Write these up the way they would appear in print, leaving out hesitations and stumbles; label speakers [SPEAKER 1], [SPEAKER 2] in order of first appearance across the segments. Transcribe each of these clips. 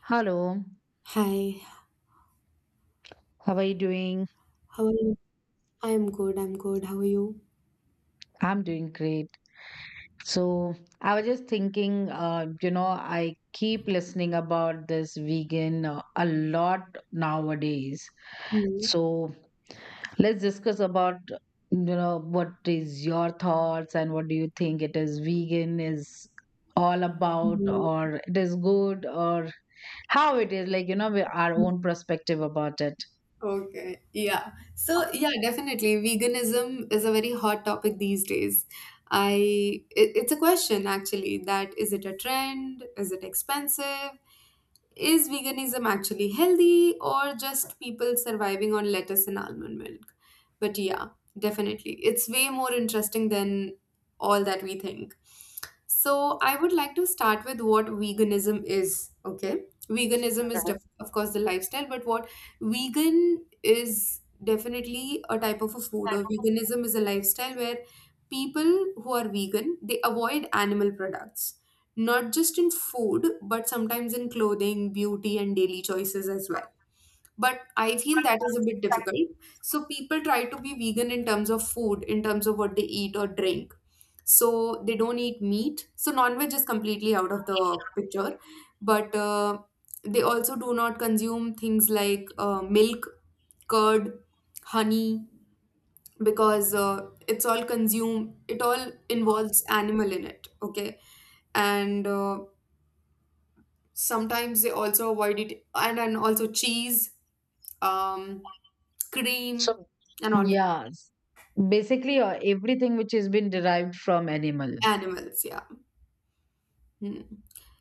[SPEAKER 1] Hello,
[SPEAKER 2] Hi,
[SPEAKER 1] how are you doing?
[SPEAKER 2] how are you? I'm good. How are you?
[SPEAKER 1] I'm doing great. So, I was just thinking, I keep listening about this vegan a lot nowadays.
[SPEAKER 2] Hmm.
[SPEAKER 1] So, let's discuss about, what is your thoughts and what do you think it is vegan is all about,
[SPEAKER 2] Hmm.
[SPEAKER 1] or it is good, or how it is, like, our own perspective about it.
[SPEAKER 2] Okay, yeah. So, yeah, definitely. Veganism is a very hot topic these days. It's a question actually, that is it a trend? Is it expensive? Is veganism actually healthy, or just people surviving on lettuce and almond milk? But yeah, definitely, it's way more interesting than all that we think. So, I would like to start with what veganism is, okay? Veganism is, of course, the lifestyle, but what vegan is definitely a type of a food, or veganism is a lifestyle where people who are vegan, they avoid animal products, not just in food, but sometimes in clothing, beauty, and daily choices as well. But I feel that is a bit difficult. So people try to be vegan in terms of food, in terms of what they eat or drink. So they don't eat meat. So non-veg is completely out of the picture. But they also do not consume things like milk, curd, honey, because it's all consume. It all involves animal in it. Okay, and sometimes they also avoid it, and also cheese, um cream,
[SPEAKER 1] So,
[SPEAKER 2] and all,
[SPEAKER 1] yeah, basically everything which has been derived from animal.
[SPEAKER 2] animals, yeah. Hmm.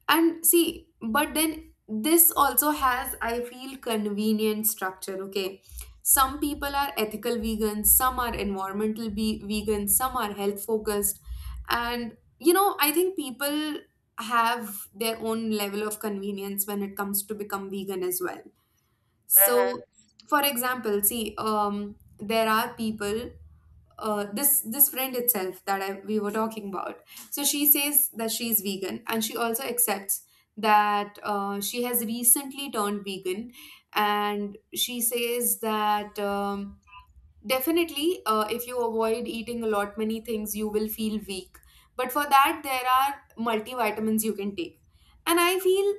[SPEAKER 2] And see, but then this also has, I feel, convenient structure. Okay, some people are ethical vegans, some are environmental vegans, some are health focused. And you know, I think people have their own level of convenience when it comes to become vegan as well.
[SPEAKER 1] Hmm.
[SPEAKER 2] So, for example, see, there are people. This friend itself that we were talking about. So she says that she is vegan, and she also accepts that she has recently turned vegan, and she says that definitely, if you avoid eating a lot many things, you will feel weak. But for that, there are multivitamins you can take, and I feel,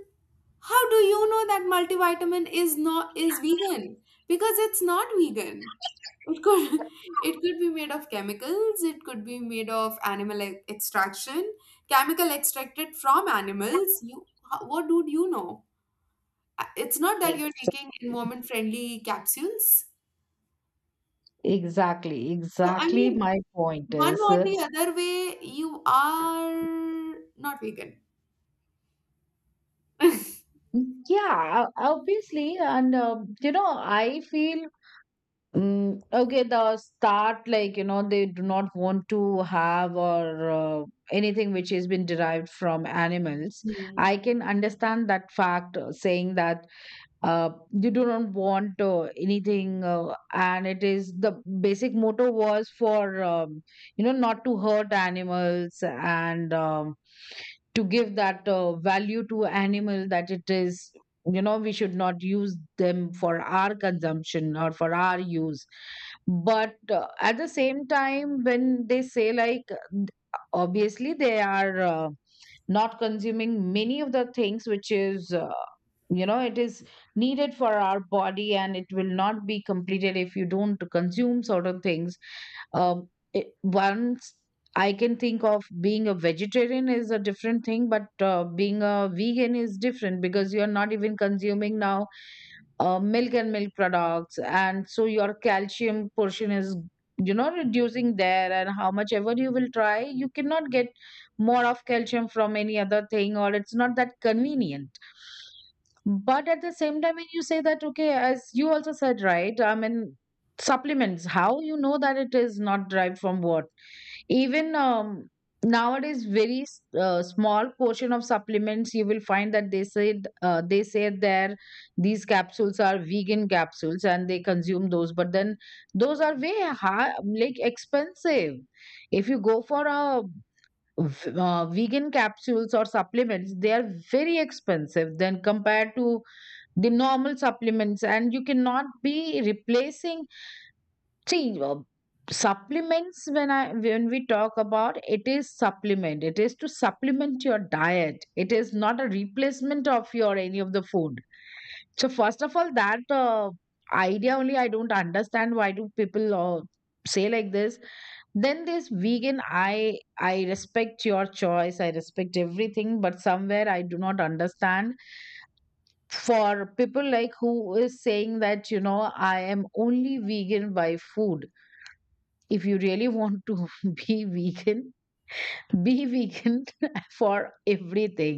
[SPEAKER 2] how do you know that multivitamin is not, is vegan? Because it's not vegan. It could it could be made of chemicals, it could be made of animal extraction, chemical extracted from animals. What do you know? It's not that you're
[SPEAKER 1] Ex-
[SPEAKER 2] taking environment friendly capsules.
[SPEAKER 1] Exactly,
[SPEAKER 2] So I
[SPEAKER 1] exactly.
[SPEAKER 2] mean,
[SPEAKER 1] My point
[SPEAKER 2] one
[SPEAKER 1] is,
[SPEAKER 2] or the other way, you are not vegan.
[SPEAKER 1] yeah, obviously, and I feel okay. The start, like, they do not want to have or anything which has been derived from animals.
[SPEAKER 2] Hmm.
[SPEAKER 1] I can understand that fact, saying that uh, you do not want anything and it is the basic motto was for not to hurt animals, and to give that value to animal, that it is, we should not use them for our consumption or for our use. But at the same time, when they say like, th- obviously they are not consuming many of the things which is, it is needed for our body, and it will not be completed if you don't consume certain things. It, once, I can think of, being a vegetarian is a different thing, but being a vegan is different because you're not even consuming now milk and milk products, and so your calcium portion is, reducing there, and how much ever you will try, you cannot get more of calcium from any other thing, or it's not that convenient. But at the same time, when you say that, okay, as you also said, right? I mean, supplements, how you know that it is not derived from what? Even nowadays, very small portion of supplements you will find that, they say there these capsules are vegan capsules and they consume those, but then those are way high, like expensive. If you go for a vegan capsules or supplements, they are very expensive than compared to the normal supplements, and you cannot be replacing. See, supplements, when we talk about it, is supplement. It is to supplement your diet, it is not a replacement of your any of the food. So first of all, that idea only, I don't understand why do people say like this. Then this vegan, I respect your choice, I respect everything, but somewhere I do not understand, for people like who is saying that, I am only vegan by food. If you really want to be vegan, be vegan for everything.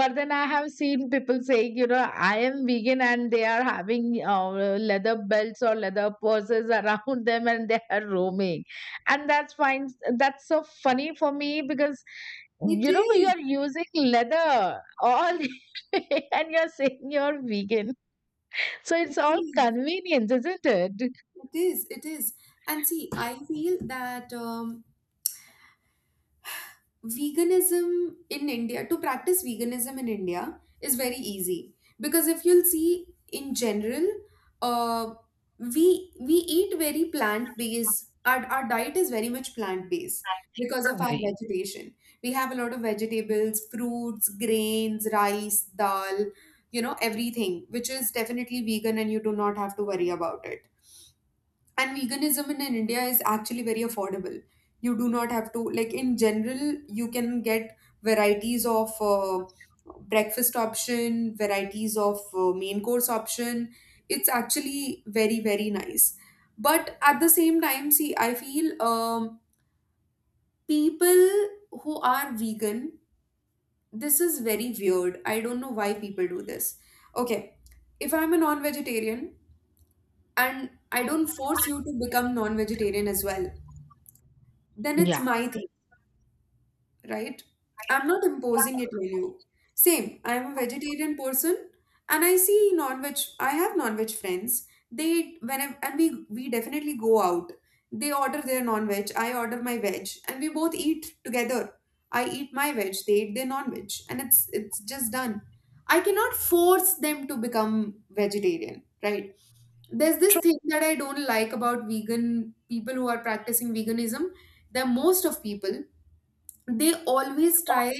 [SPEAKER 1] But then I have seen people saying, I am vegan, and they are having leather belts or leather purses around them, and they are roaming, and that's fine. That's so funny for me, because
[SPEAKER 2] It
[SPEAKER 1] you
[SPEAKER 2] is.
[SPEAKER 1] are using leather all, and you're saying you're vegan. So it's
[SPEAKER 2] It
[SPEAKER 1] all
[SPEAKER 2] is.
[SPEAKER 1] convenience, isn't it?
[SPEAKER 2] It is, it is. And see, I feel that veganism in India, to practice veganism in India, is very easy. Because if you'll see in general, uh, we eat very plant-based. Our diet is very much plant-based because of our
[SPEAKER 1] Agree.
[SPEAKER 2] vegetation. We have a lot of vegetables, fruits, grains, rice, dal, you know, everything, which is definitely vegan, and you do not have to worry about it. And veganism in India is actually very affordable. You do not have to, like, in general you can get varieties of breakfast option, varieties of main course option. It's actually very, very nice. But at the same time, see, I feel, people who are vegan, this is very weird, I don't know why people do this. Okay, if I'm a non-vegetarian, and I don't force you to become non-vegetarian as well, then it's my thing, right? I'm not imposing it on you. Same, I'm a vegetarian person, and I see non-veg, I have non-veg friends. They, whenever, and we definitely go out. They order their non-veg, I order my veg, and we both eat together. I eat my veg, they eat their non-veg, and it's just done. I cannot force them to become vegetarian, right? There's this
[SPEAKER 1] True.
[SPEAKER 2] thing that I don't like about vegan people who are practicing veganism. The most of people, they always try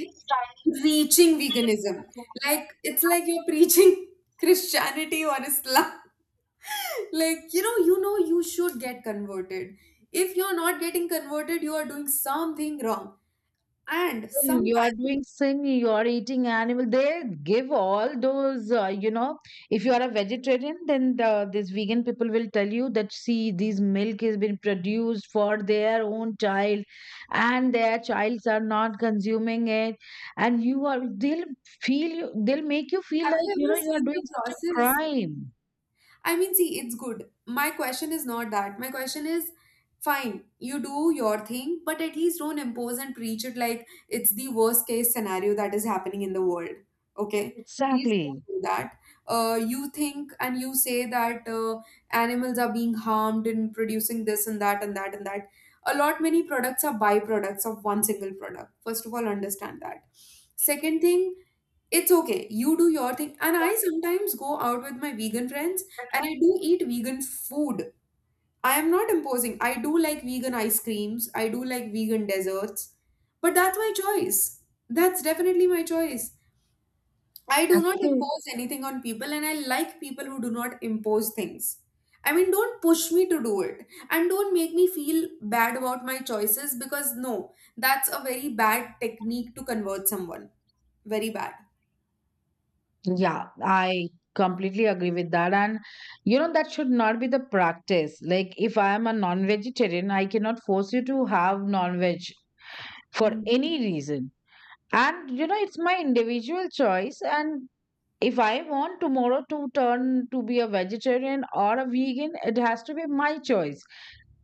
[SPEAKER 2] reaching veganism like it's like you're preaching Christianity or Islam, like you know, you know, you should get converted. If you're not getting converted, you are doing something wrong. And
[SPEAKER 1] Sin. You are
[SPEAKER 2] sometimes,
[SPEAKER 1] doing sin, you are eating animal. They give all those, if you are a vegetarian, then these vegan people will tell you that, see, this milk has been produced for their own child, and their childs are not consuming it. And they'll they'll make you feel
[SPEAKER 2] have
[SPEAKER 1] like,
[SPEAKER 2] you ever
[SPEAKER 1] you are
[SPEAKER 2] seen the
[SPEAKER 1] doing such a
[SPEAKER 2] process?
[SPEAKER 1] crime.
[SPEAKER 2] I mean, see, it's good. My question is not that. My question is, fine, you do your thing, but at least don't impose and preach it like it's the worst case scenario that is happening in the world. Okay? Please
[SPEAKER 1] Exactly.
[SPEAKER 2] don't do that. You think and you say that animals are being harmed in producing this and that and that and that. A lot many products are byproducts of one single product, first of all, understand that. Second thing, it's okay, you do your thing, and I sometimes go out with my vegan friends, and I do eat vegan food. I am not imposing. I do like vegan ice creams, I do like vegan desserts, but that's my choice. That's definitely my choice. I do
[SPEAKER 1] That's
[SPEAKER 2] not
[SPEAKER 1] true.
[SPEAKER 2] impose anything on people, and I like people who do not impose things. I mean, don't push me to do it, and don't make me feel bad about my choices, because no, that's a very bad technique to convert someone. Very bad.
[SPEAKER 1] Yeah, I completely agree with that. And that should not be the practice. Like, if I am a non vegetarian, I cannot force you to have non veg for
[SPEAKER 2] Hmm.
[SPEAKER 1] any reason. And it's my individual choice. And if I want tomorrow to turn to be a vegetarian or a vegan, it has to be my choice.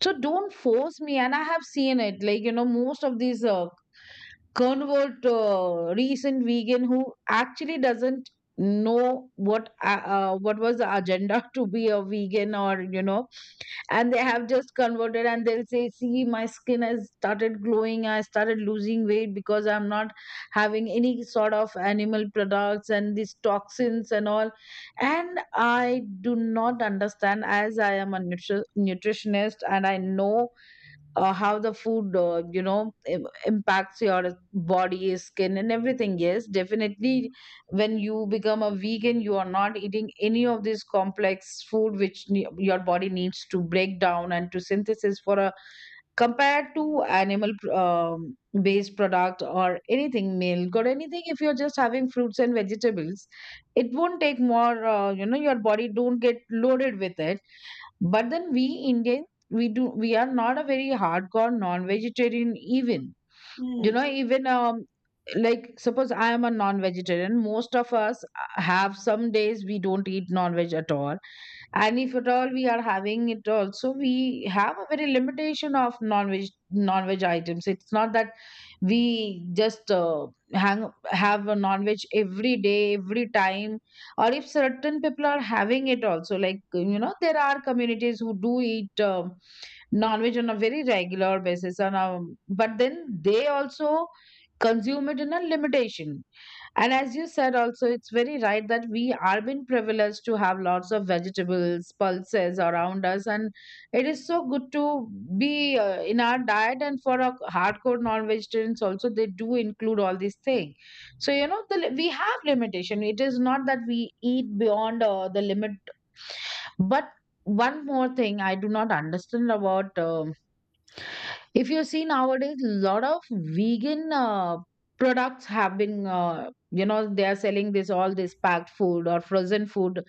[SPEAKER 1] So don't force me. And I have seen it. Like, most of these convert recent vegan, who actually doesn't know what, what was the agenda to be a vegan, or and they have just converted, and they'll say, see, my skin has started glowing, I started losing weight because I'm not having any sort of animal products and these toxins and all. And I do not understand, as I am a nutritionist, and I know how the food, impacts your body, skin, and everything. Yes, definitely, when you become a vegan, you are not eating any of this complex food which, your body needs to break down and to synthesis, for a compared to animal based product or anything, milk or anything. If you're just having fruits and vegetables, it won't take more, your body don't get loaded with it. But then we Indians, we are not a very hardcore non-vegetarian even. You
[SPEAKER 2] Hmm.
[SPEAKER 1] know, even like, suppose I am a non-vegetarian. Most of us have some days we don't eat non-veg at all, and if at all we are having it also, we have a very limitation of non-veg items. It's not that we just hang have a non-veg every day, every time. Or if certain people are having it also, like, there are communities who do eat non-veg on a very regular basis, and but then they also consume it in a limitation. And as you said also, it's very right that we are being privileged to have lots of vegetables, pulses around us. And it is so good to be in our diet. And for our hardcore non vegetarians also, they do include all these things. So, we have limitation. It is not that we eat beyond the limit. But one more thing I do not understand about. If you see nowadays, a lot of vegan products have been, you know, they are selling this, all this packed food or frozen food,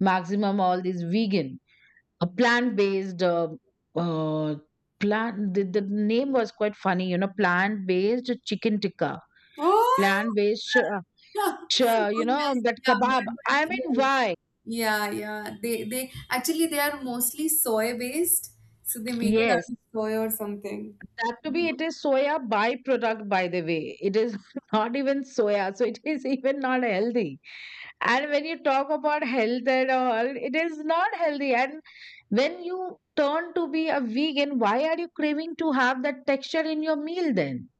[SPEAKER 1] maximum all these vegan, a plant based, uh, plant. The name was quite funny, plant based chicken tikka,
[SPEAKER 2] Oh,
[SPEAKER 1] plant based,
[SPEAKER 2] oh yes,
[SPEAKER 1] that
[SPEAKER 2] yeah,
[SPEAKER 1] kebab. I
[SPEAKER 2] but
[SPEAKER 1] mean,
[SPEAKER 2] yes.
[SPEAKER 1] why?
[SPEAKER 2] Yeah, yeah. They actually, they are mostly soy based, so they make it out
[SPEAKER 1] Yes.
[SPEAKER 2] of soy or something.
[SPEAKER 1] That to be, it is soya byproduct, by the way. It is not even soya, so it is even not healthy. And when you talk about health and all, it is not healthy. And when you turn to be a vegan, why are you craving to have that texture in your meal then?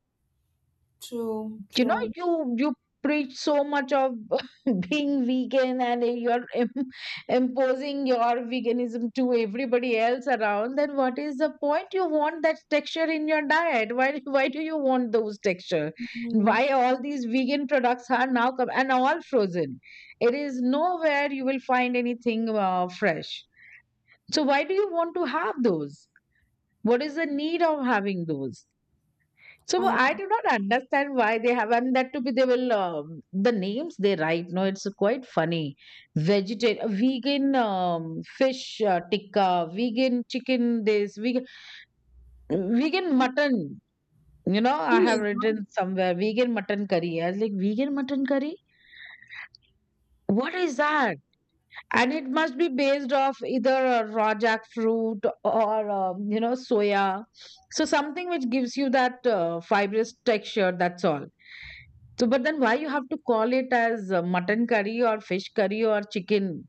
[SPEAKER 2] True,
[SPEAKER 1] you know
[SPEAKER 2] true.
[SPEAKER 1] you you preach so much of being vegan, and you're imposing your veganism to everybody else around. Then what is the point? You want that texture in your diet. Why, do you want those texture?
[SPEAKER 2] Mhm.
[SPEAKER 1] Why all these vegan products are now come and all frozen? It is nowhere you will find anything fresh. So why do you want to have those? What is the need of having those? So
[SPEAKER 2] I
[SPEAKER 1] I do not understand why they have, and that to be, they will the names they write. No, it's quite funny. Vegetarian, vegan fish tikka, vegan chicken. This vegan mutton.
[SPEAKER 2] Oh
[SPEAKER 1] I have
[SPEAKER 2] my
[SPEAKER 1] written somewhere, vegan mutton curry. I was like, vegan mutton curry. What is that? And it must be based off either a raw jackfruit or soya, so something which gives you that fibrous texture, that's all. So but then why you have to call it as mutton curry or fish curry or chicken.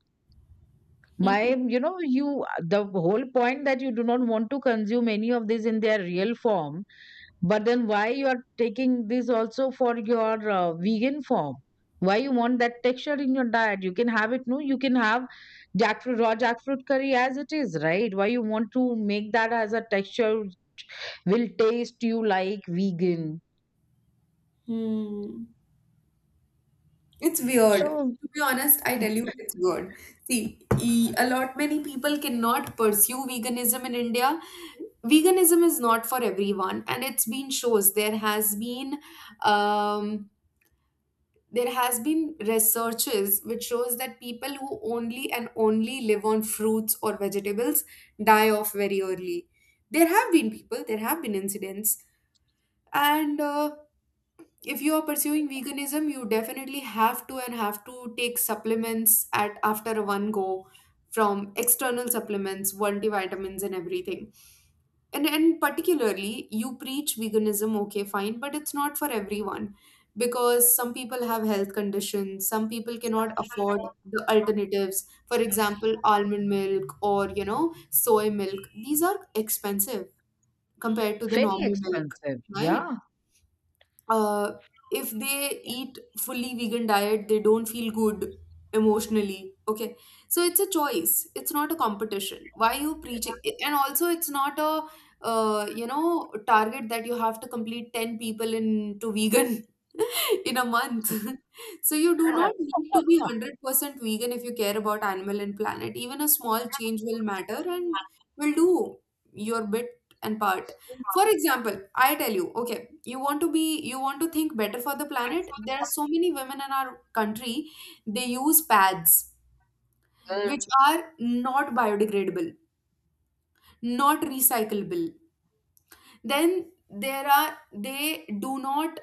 [SPEAKER 2] God.
[SPEAKER 1] my you know you the whole point that you do not want to consume any of these in their real form, but then why you are taking this also for your vegan form? Why you want that texture in your diet? You can have it, no? You can have jackfruit, raw jackfruit curry as it is, right? Why you want to make that as a texture will taste you like vegan?
[SPEAKER 2] Hmm. It's weird.
[SPEAKER 1] So
[SPEAKER 2] To be honest, I tell you, it's weird. See, a lot many people cannot pursue veganism in India. Veganism is not for everyone, and it's been shows. Um, there has been researches which shows that people who only and only live on fruits or vegetables die off very early. There have been people, there have been incidents, and if you are pursuing veganism, you definitely have to, and have to, take supplements at after one go, from external supplements, multivitamins and everything. And particularly, you preach veganism, okay, fine, but it's not for everyone. Because some people have health conditions, some people cannot afford the alternatives, for example almond milk, or you know, soy milk. These are expensive compared to the
[SPEAKER 1] very
[SPEAKER 2] normal milk,
[SPEAKER 1] expensive.
[SPEAKER 2] right?
[SPEAKER 1] Yeah.
[SPEAKER 2] uh, if they eat fully vegan diet, they don't feel good emotionally, okay? So it's a choice, it's not a competition. Why you preaching? And also, it's not a you know, target that you have to complete 10 people into vegan in a month. So you do not need to be 100% vegan if you care about animal and planet. Even a small change will matter and will do your bit and part. For example, I tell you, okay, you want to be, you want to think better for the planet. There are so many women in our country, they use pads which
[SPEAKER 1] Mm.
[SPEAKER 2] are not biodegradable, not recyclable. Then there are, they do not,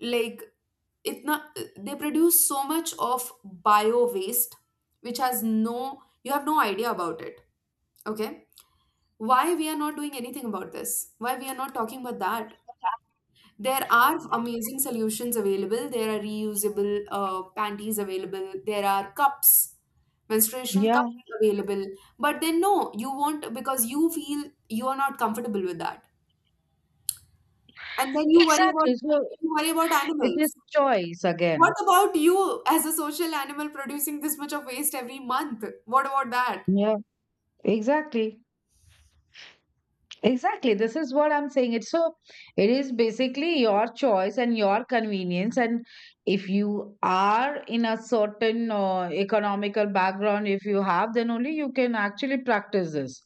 [SPEAKER 2] like, it not, they produce so much of bio waste, which has no, you have no idea about it. Okay, why we are not doing anything about this? Why we are not talking about that? There are amazing solutions available, there are reusable panties available, there are cups, menstruational
[SPEAKER 1] Yeah.
[SPEAKER 2] cups available. But then no, you won't, because you feel you are not comfortable with that, and then you worry about,
[SPEAKER 1] Exactly. So
[SPEAKER 2] you worry about
[SPEAKER 1] it is
[SPEAKER 2] animals.
[SPEAKER 1] choice
[SPEAKER 2] What
[SPEAKER 1] again.
[SPEAKER 2] about you as a social animal producing this much of waste every month? What about that?
[SPEAKER 1] Yeah. Exactly. Exactly. This is what I'm saying. It is basically your choice and your convenience. And if you are in a certain economical background, if you have, then only you can actually practice this.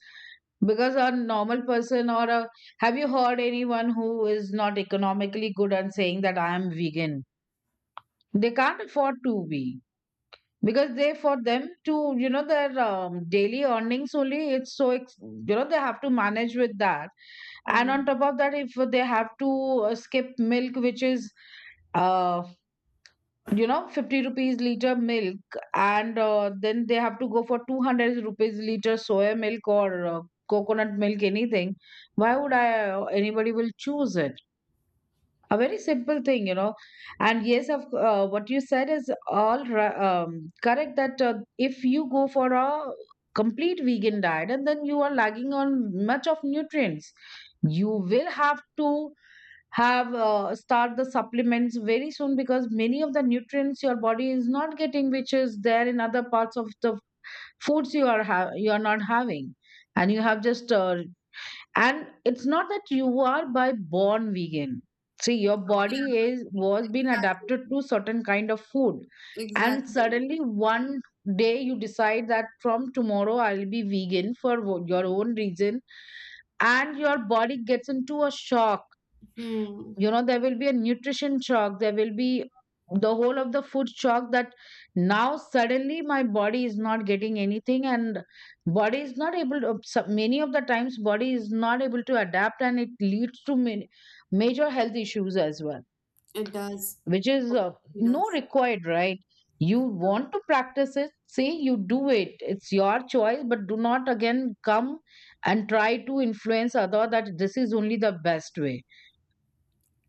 [SPEAKER 1] Because a normal person have you heard anyone who is not economically good and saying that I am vegan? They can't afford to be. Because they, for them to, you know, their daily earnings only, it's so, they have to manage with that, and on top of that if they have to skip milk, which is uh you know, 50 rupees liter milk, and then they have to go for 200 rupees liter soya milk or coconut milk, anything. Why would I anybody will choose it? A very simple thing, you know. And yes, of what you said is correct, that if you go for a complete vegan diet, and then you are lagging on much of nutrients, you will have to have start the supplements very soon, because many of the nutrients your body is not getting, which is there in other parts of the foods you are you are not having. And you have just and it's not that you are by born vegan. See, your body is was been adapted
[SPEAKER 2] Exactly.
[SPEAKER 1] to certain kind of food, and
[SPEAKER 2] Exactly.
[SPEAKER 1] suddenly one day you decide that from tomorrow I'll be vegan for your own reason, and your body gets into a shock.
[SPEAKER 2] Hmm,
[SPEAKER 1] You know, there will be a nutrition shock, there will be the whole of the food shock that now suddenly my body is not getting anything, and body is not able to many of the times body is not able to adapt, and it leads to many major health issues as well,
[SPEAKER 2] it does.
[SPEAKER 1] which is
[SPEAKER 2] It does.
[SPEAKER 1] no required, right? You want to practice it, say you do it, it's your choice, but do not again come and try to influence other that this is only the best way.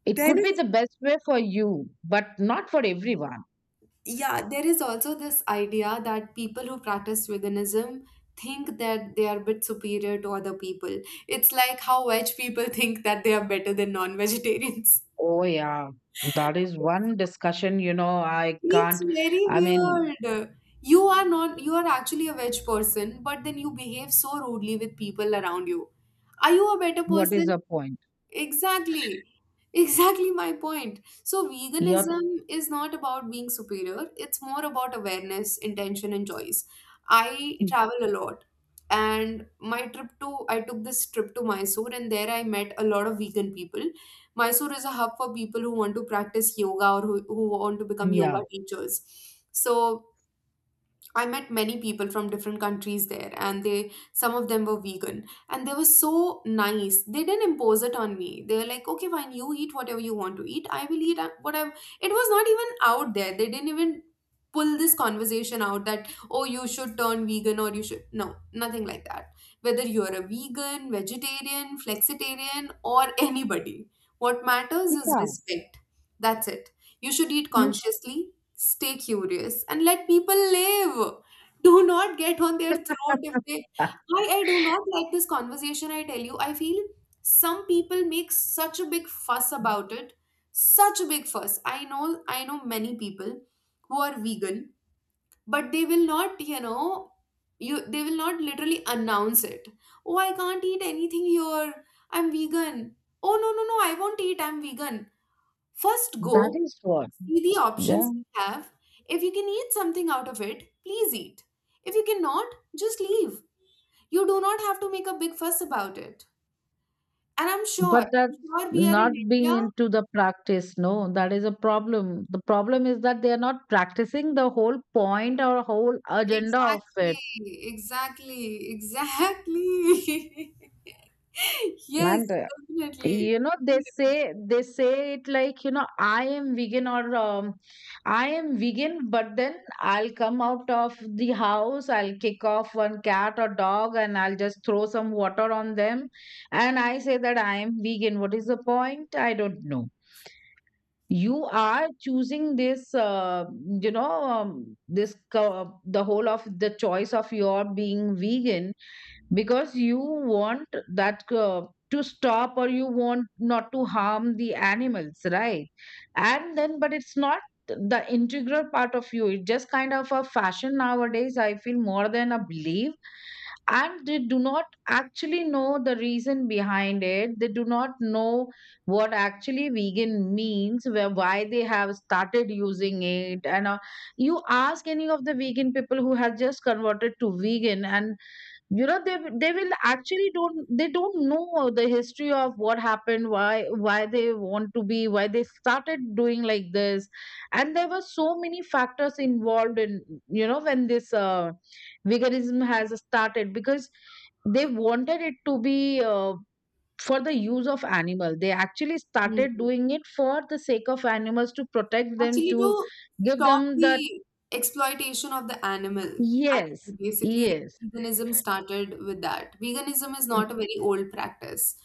[SPEAKER 1] It
[SPEAKER 2] There
[SPEAKER 1] could be
[SPEAKER 2] is,
[SPEAKER 1] the best way for you, but not for everyone.
[SPEAKER 2] yeah, there is also this idea that people who practice veganism think that they are a bit superior to other people. It's like how veg people think that they are better than non-vegetarians.
[SPEAKER 1] Oh, yeah. That is one discussion, you know, I
[SPEAKER 2] It's
[SPEAKER 1] can't.
[SPEAKER 2] very
[SPEAKER 1] I mean,
[SPEAKER 2] weird. You are not, you are actually a veg person, but then you behave so rudely with people around you. Are you a better
[SPEAKER 1] what is
[SPEAKER 2] person?
[SPEAKER 1] the point?
[SPEAKER 2] Exactly. Exactly my point. So,
[SPEAKER 1] You're,
[SPEAKER 2] veganism is not about being superior, it's more about awareness, intention, and choice. I travel a lot, and my trip to, I took this trip to Mysore, and there I met a lot of vegan people. Mysore is a hub for people who want to practice yoga, or who want to become yoga
[SPEAKER 1] yeah,
[SPEAKER 2] teachers. So, I met many people from different countries there, and they, some of them were vegan, and they were so nice. They didn't impose it on me. They were like, "Okay, fine, you eat whatever you want to eat. I will eat what It was not even out there. They didn't even pull this conversation out that, oh, you should turn vegan or you should, no, nothing like that. Whether you're a vegan, vegetarian, flexitarian or anybody, what matters is
[SPEAKER 1] yeah.
[SPEAKER 2] respect. That's it. You should eat
[SPEAKER 1] Mm.
[SPEAKER 2] consciously, stay curious and let people live. Do not get on their throat if they… I do not like this conversation, I tell you, I feel some people make such a big fuss about it. Such a big fuss. I know I know many people who are vegan, but they will not, you know you they will not literally announce it. Oh, I can't eat anything here, I'm vegan. Oh, no, no, no, I won't eat, I'm vegan. First,
[SPEAKER 1] That
[SPEAKER 2] go
[SPEAKER 1] is what.
[SPEAKER 2] see the options
[SPEAKER 1] Yeah.
[SPEAKER 2] we have. If you can eat something out of it, please eat. If you cannot, just leave. You do not have to make a big fuss about it. And I'm sure,
[SPEAKER 1] But
[SPEAKER 2] I'm
[SPEAKER 1] that's
[SPEAKER 2] sure, we are
[SPEAKER 1] not
[SPEAKER 2] in
[SPEAKER 1] being
[SPEAKER 2] India.
[SPEAKER 1] into the practice. No, that is a problem. The problem is that they are not practicing the whole point or whole agenda of it.
[SPEAKER 2] Exactly, exactly, exactly.
[SPEAKER 1] And
[SPEAKER 2] Yes, definitely.
[SPEAKER 1] you know, they say, they say it like, you know, I am vegan, or I am vegan, but then I'll come out of the house, I'll kick off one cat or dog and I'll just throw some water on them, and I say that I am vegan. What is the point? I don't know. You are choosing this you know, this the whole of the choice of your being vegan because you want that to stop, or you want not to harm the animals, right? And then, but it's not the integral part of you, it's just kind of a fashion nowadays, I feel, more than a belief. And they do not actually know the reason behind it, they do not know what actually vegan means, where, why they have started using it. And you ask any of the vegan people who have just converted to vegan, and you know, they they will actually don't, they don't know the history of what happened, why they want to be, why they started doing like this. And there were so many factors involved in, you know, when this veganism has started, because they wanted it to be for the use of animal, they actually started
[SPEAKER 2] Hmm.
[SPEAKER 1] doing it for the sake of animals, to protect them,
[SPEAKER 2] Actually,
[SPEAKER 1] to
[SPEAKER 2] to
[SPEAKER 1] give
[SPEAKER 2] stop
[SPEAKER 1] them that.
[SPEAKER 2] the exploitation of the animal,
[SPEAKER 1] Yes.
[SPEAKER 2] actually, basically,
[SPEAKER 1] Yes,
[SPEAKER 2] veganism started with that. Veganism is not a very old practice.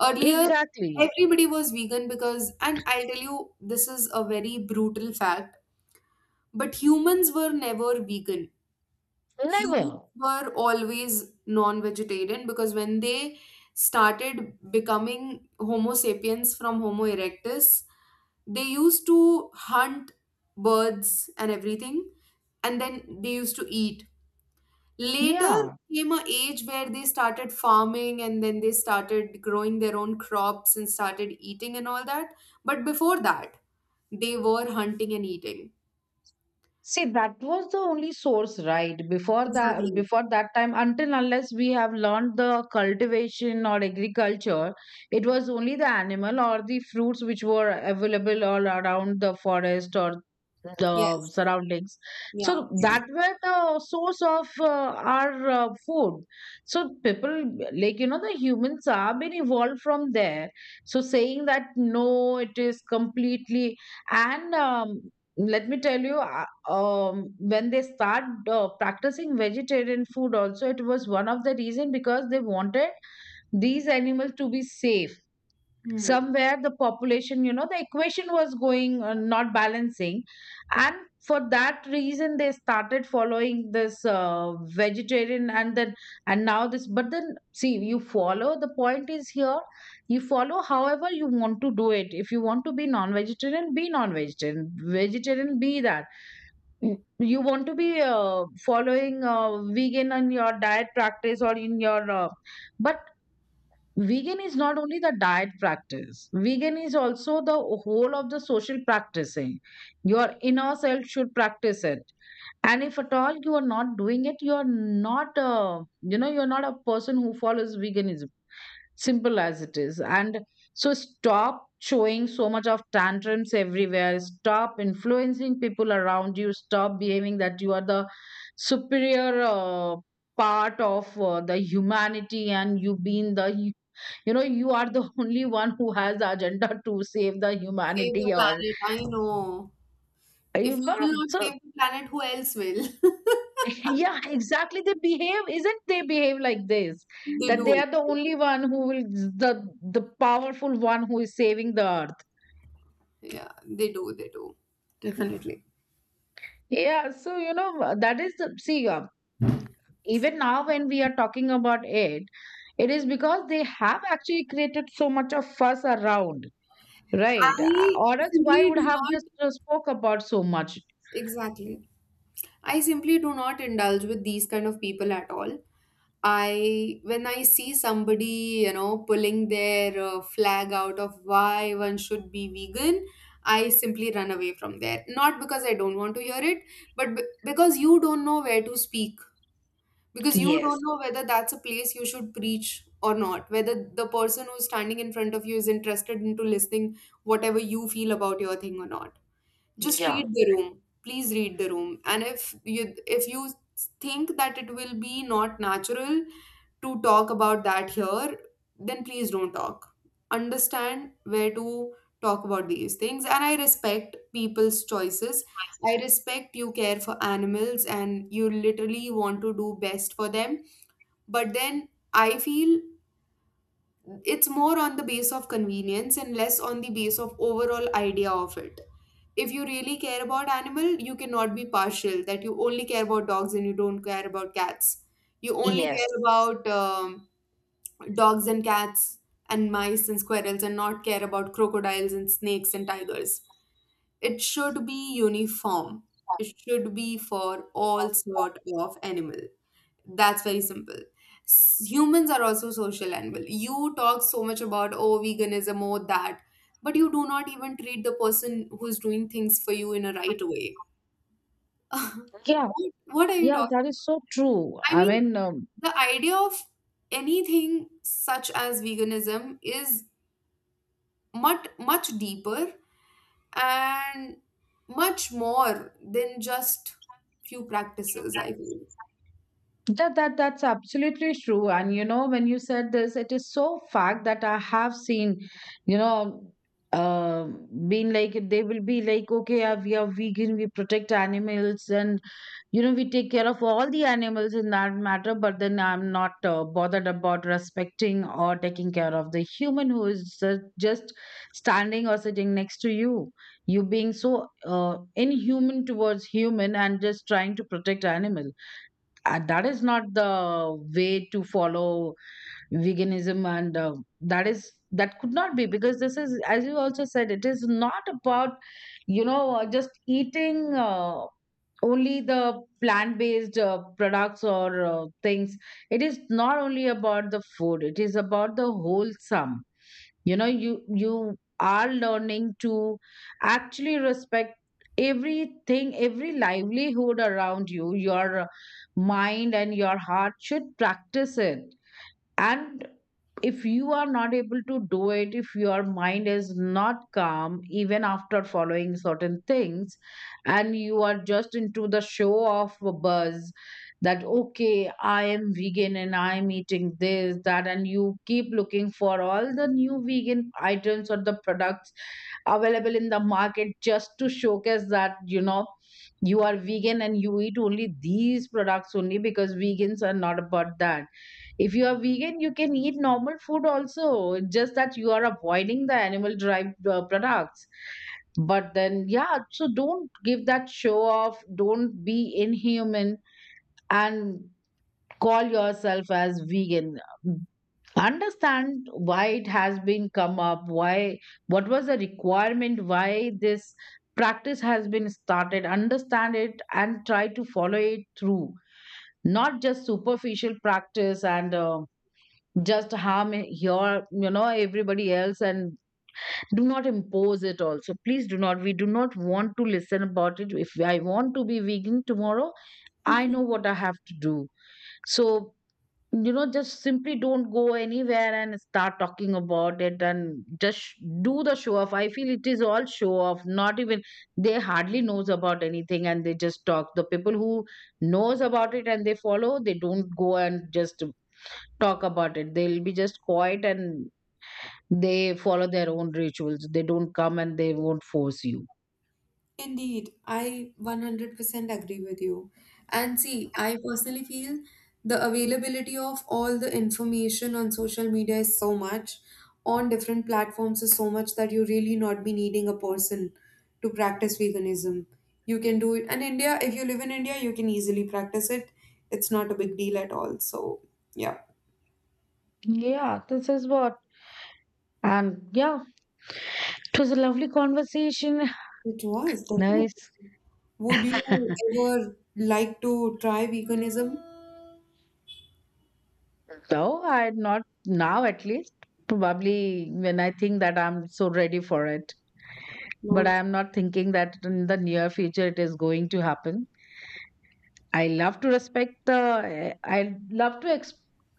[SPEAKER 2] Earlier,
[SPEAKER 1] exactly.
[SPEAKER 2] everybody was vegan because, and I'll tell you, this is a very brutal fact, but humans were never vegan. Humans
[SPEAKER 1] Never.
[SPEAKER 2] were always non-vegetarian because when they started becoming Homo sapiens from Homo erectus, they used to hunt birds and everything and then they used to eat later.
[SPEAKER 1] Yeah.
[SPEAKER 2] Came a age where they started farming and then they started growing their own crops and started eating and all that, but before that, they were hunting and eating.
[SPEAKER 1] See, that was the only source, right?
[SPEAKER 2] Exactly.
[SPEAKER 1] Before that time, until unless we have learned the cultivation or agriculture, it was only the animal or the fruits which were available all around the forest or the
[SPEAKER 2] Yes.
[SPEAKER 1] surroundings.
[SPEAKER 2] Yeah.
[SPEAKER 1] So that were the source of our food. So people, like you know, the humans are been evolved from there. So saying that no, it is completely. And let me tell you when they start practicing vegetarian food also, it was one of the reason because they wanted these animals to be safe.
[SPEAKER 2] Hmm.
[SPEAKER 1] Somewhere the population, you know, the equation was going not balancing, and for that reason they started following this vegetarian, and then, and now this, but then see, you follow, the point is here, you follow however you want to do it. If you want to be non-vegetarian, be non-vegetarian, vegetarian, be that. Mm, you want to be following vegan in your diet practice or in your but vegan is not only the diet practice, vegan is also the whole of the social practicing. Your inner self should practice it. And if at all you are not doing it, you are not you know, you're not a person who follows veganism, simple as it is. And so stop showing so much of tantrums everywhere, stop influencing people around you, stop behaving that you are the superior part of the humanity, and you being the you know, you are the only one who has the agenda to save the
[SPEAKER 2] Save the
[SPEAKER 1] humanity or,
[SPEAKER 2] planet, I know. If
[SPEAKER 1] you
[SPEAKER 2] you will
[SPEAKER 1] know,
[SPEAKER 2] not
[SPEAKER 1] so.
[SPEAKER 2] save the planet, who else will?
[SPEAKER 1] Yeah, exactly, they behave, isn't, they behave like this,
[SPEAKER 2] They
[SPEAKER 1] that they
[SPEAKER 2] do.
[SPEAKER 1] are the only one who will, the powerful one who is saving the earth.
[SPEAKER 2] Yeah, they do, they do, definitely.
[SPEAKER 1] Yeah, so you know, that is the, see, even now when we are talking about it, it is because they have actually created so much of fuss around, right?
[SPEAKER 2] I
[SPEAKER 1] Or else, why
[SPEAKER 2] simply do
[SPEAKER 1] would have just
[SPEAKER 2] not…
[SPEAKER 1] spoke about so much?
[SPEAKER 2] Exactly. I simply do not indulge with these kind of people at all. I, when I see somebody, you know, pulling their flag out of why one should be vegan, I simply run away from there. Not because I don't want to hear it, but because you don't know where to speak. Because you don't
[SPEAKER 1] Yes.
[SPEAKER 2] know whether that's a place you should preach or not, whether the person who's standing in front of you is interested into listening whatever you feel about your thing or not. Just read
[SPEAKER 1] Yeah.
[SPEAKER 2] the room, please, read the room. And if you think that it will be not natural to talk about that here, then please don't talk. Understand where to talk about these things. And I respect people's choices, I respect you care for animals and you literally want to do best for them, but then I feel it's more on the base of convenience and less on the base of overall idea of it. If you really care about animal, you cannot be partial that you only care about dogs and you don't care about cats. You only
[SPEAKER 1] Yes.
[SPEAKER 2] care about dogs and cats and mice and squirrels and not care about crocodiles and snakes and tigers. It should be uniform, it should be for all sort of animal. That's very simple. Humans are also social animal. You talk so much about, oh, veganism or that, but you do not even treat the person who's doing things for you in a right way.
[SPEAKER 1] Yeah,
[SPEAKER 2] What are you
[SPEAKER 1] yeah,
[SPEAKER 2] talking?
[SPEAKER 1] that is so true.
[SPEAKER 2] I
[SPEAKER 1] I
[SPEAKER 2] mean,
[SPEAKER 1] mean,
[SPEAKER 2] the idea of anything such as veganism is much, much deeper and much more than just few practices, I feel.
[SPEAKER 1] that, that, that's absolutely true. And you know, when you said this, it is so fact that I have seen, you know, uh, being like, they will be like, okay, we are vegan, we protect animals, and you know, we take care of all the animals in that matter. But then I'm not bothered about respecting or taking care of the human who is just standing or sitting next to you. You being so inhuman towards human, and just trying to protect animals, that is not the way to follow veganism. And that is, that could not be, because this is, as you also said, it is not about, you know, just eating only the plant based products or things. It is not only about the food, it is about the wholesome, you know, you are learning to actually respect everything, every livelihood around you. Your mind and your heart should practice it. And if you are not able to do it, if your mind is not calm, even after following certain things, and you are just into the show off buzz, that, okay, I am vegan and I'm eating this, that, and you keep looking for all the new vegan items or the products available in the market just to showcase that, you know, you are vegan and you eat only these products, only because vegans are not about that. If you are vegan, you can eat normal food also. It's just that you are avoiding the animal derived products. But then, yeah, so don't give that show off. Don't be inhuman and call yourself as vegan. Understand why it has been come up, why, what was the requirement, why this practice has been started. Understand it and try to follow it through. Not just superficial practice. And just harm your, you know, everybody else, and do not impose it also. Please do not, we do not want to listen about it. If I want to be vegan tomorrow, I know what I have to do. So you know, just simply don't go anywhere and start talking about it, and just do the show off. I feel it is all show off, not even, they hardly knows about anything, and they just talk. The people who knows about it and they follow, they don't go and just talk about it, they'll be just quiet, and they follow their own rituals. They don't come, and they won't force you.
[SPEAKER 2] Indeed, I 100% agree with you. And see, I personally feel the availability of all the information on social media is so much, on different platforms is so much, that you really not be needing a person to practice veganism. You can do it. And India, if you live in India, you can easily practice it. It's not a big deal at all. So, yeah,
[SPEAKER 1] Yeah, this is what. And yeah, it was a lovely conversation.
[SPEAKER 2] it was definitely.
[SPEAKER 1] Nice.
[SPEAKER 2] Would you ever like to try veganism?
[SPEAKER 1] So I am not, now at least, probably when I think that I'm so ready for it. But
[SPEAKER 2] No.
[SPEAKER 1] I am not thinking that in the near future it is going to happen. I love to respect the. I love to ex-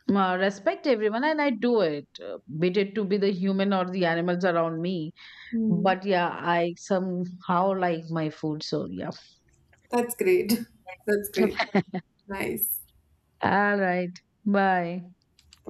[SPEAKER 1] uh, respect everyone, and I do it, be it to be the human or the animals around me. But yeah, I somehow like my food. So yeah.
[SPEAKER 2] That's great. That's great. Nice.
[SPEAKER 1] All right. Bye.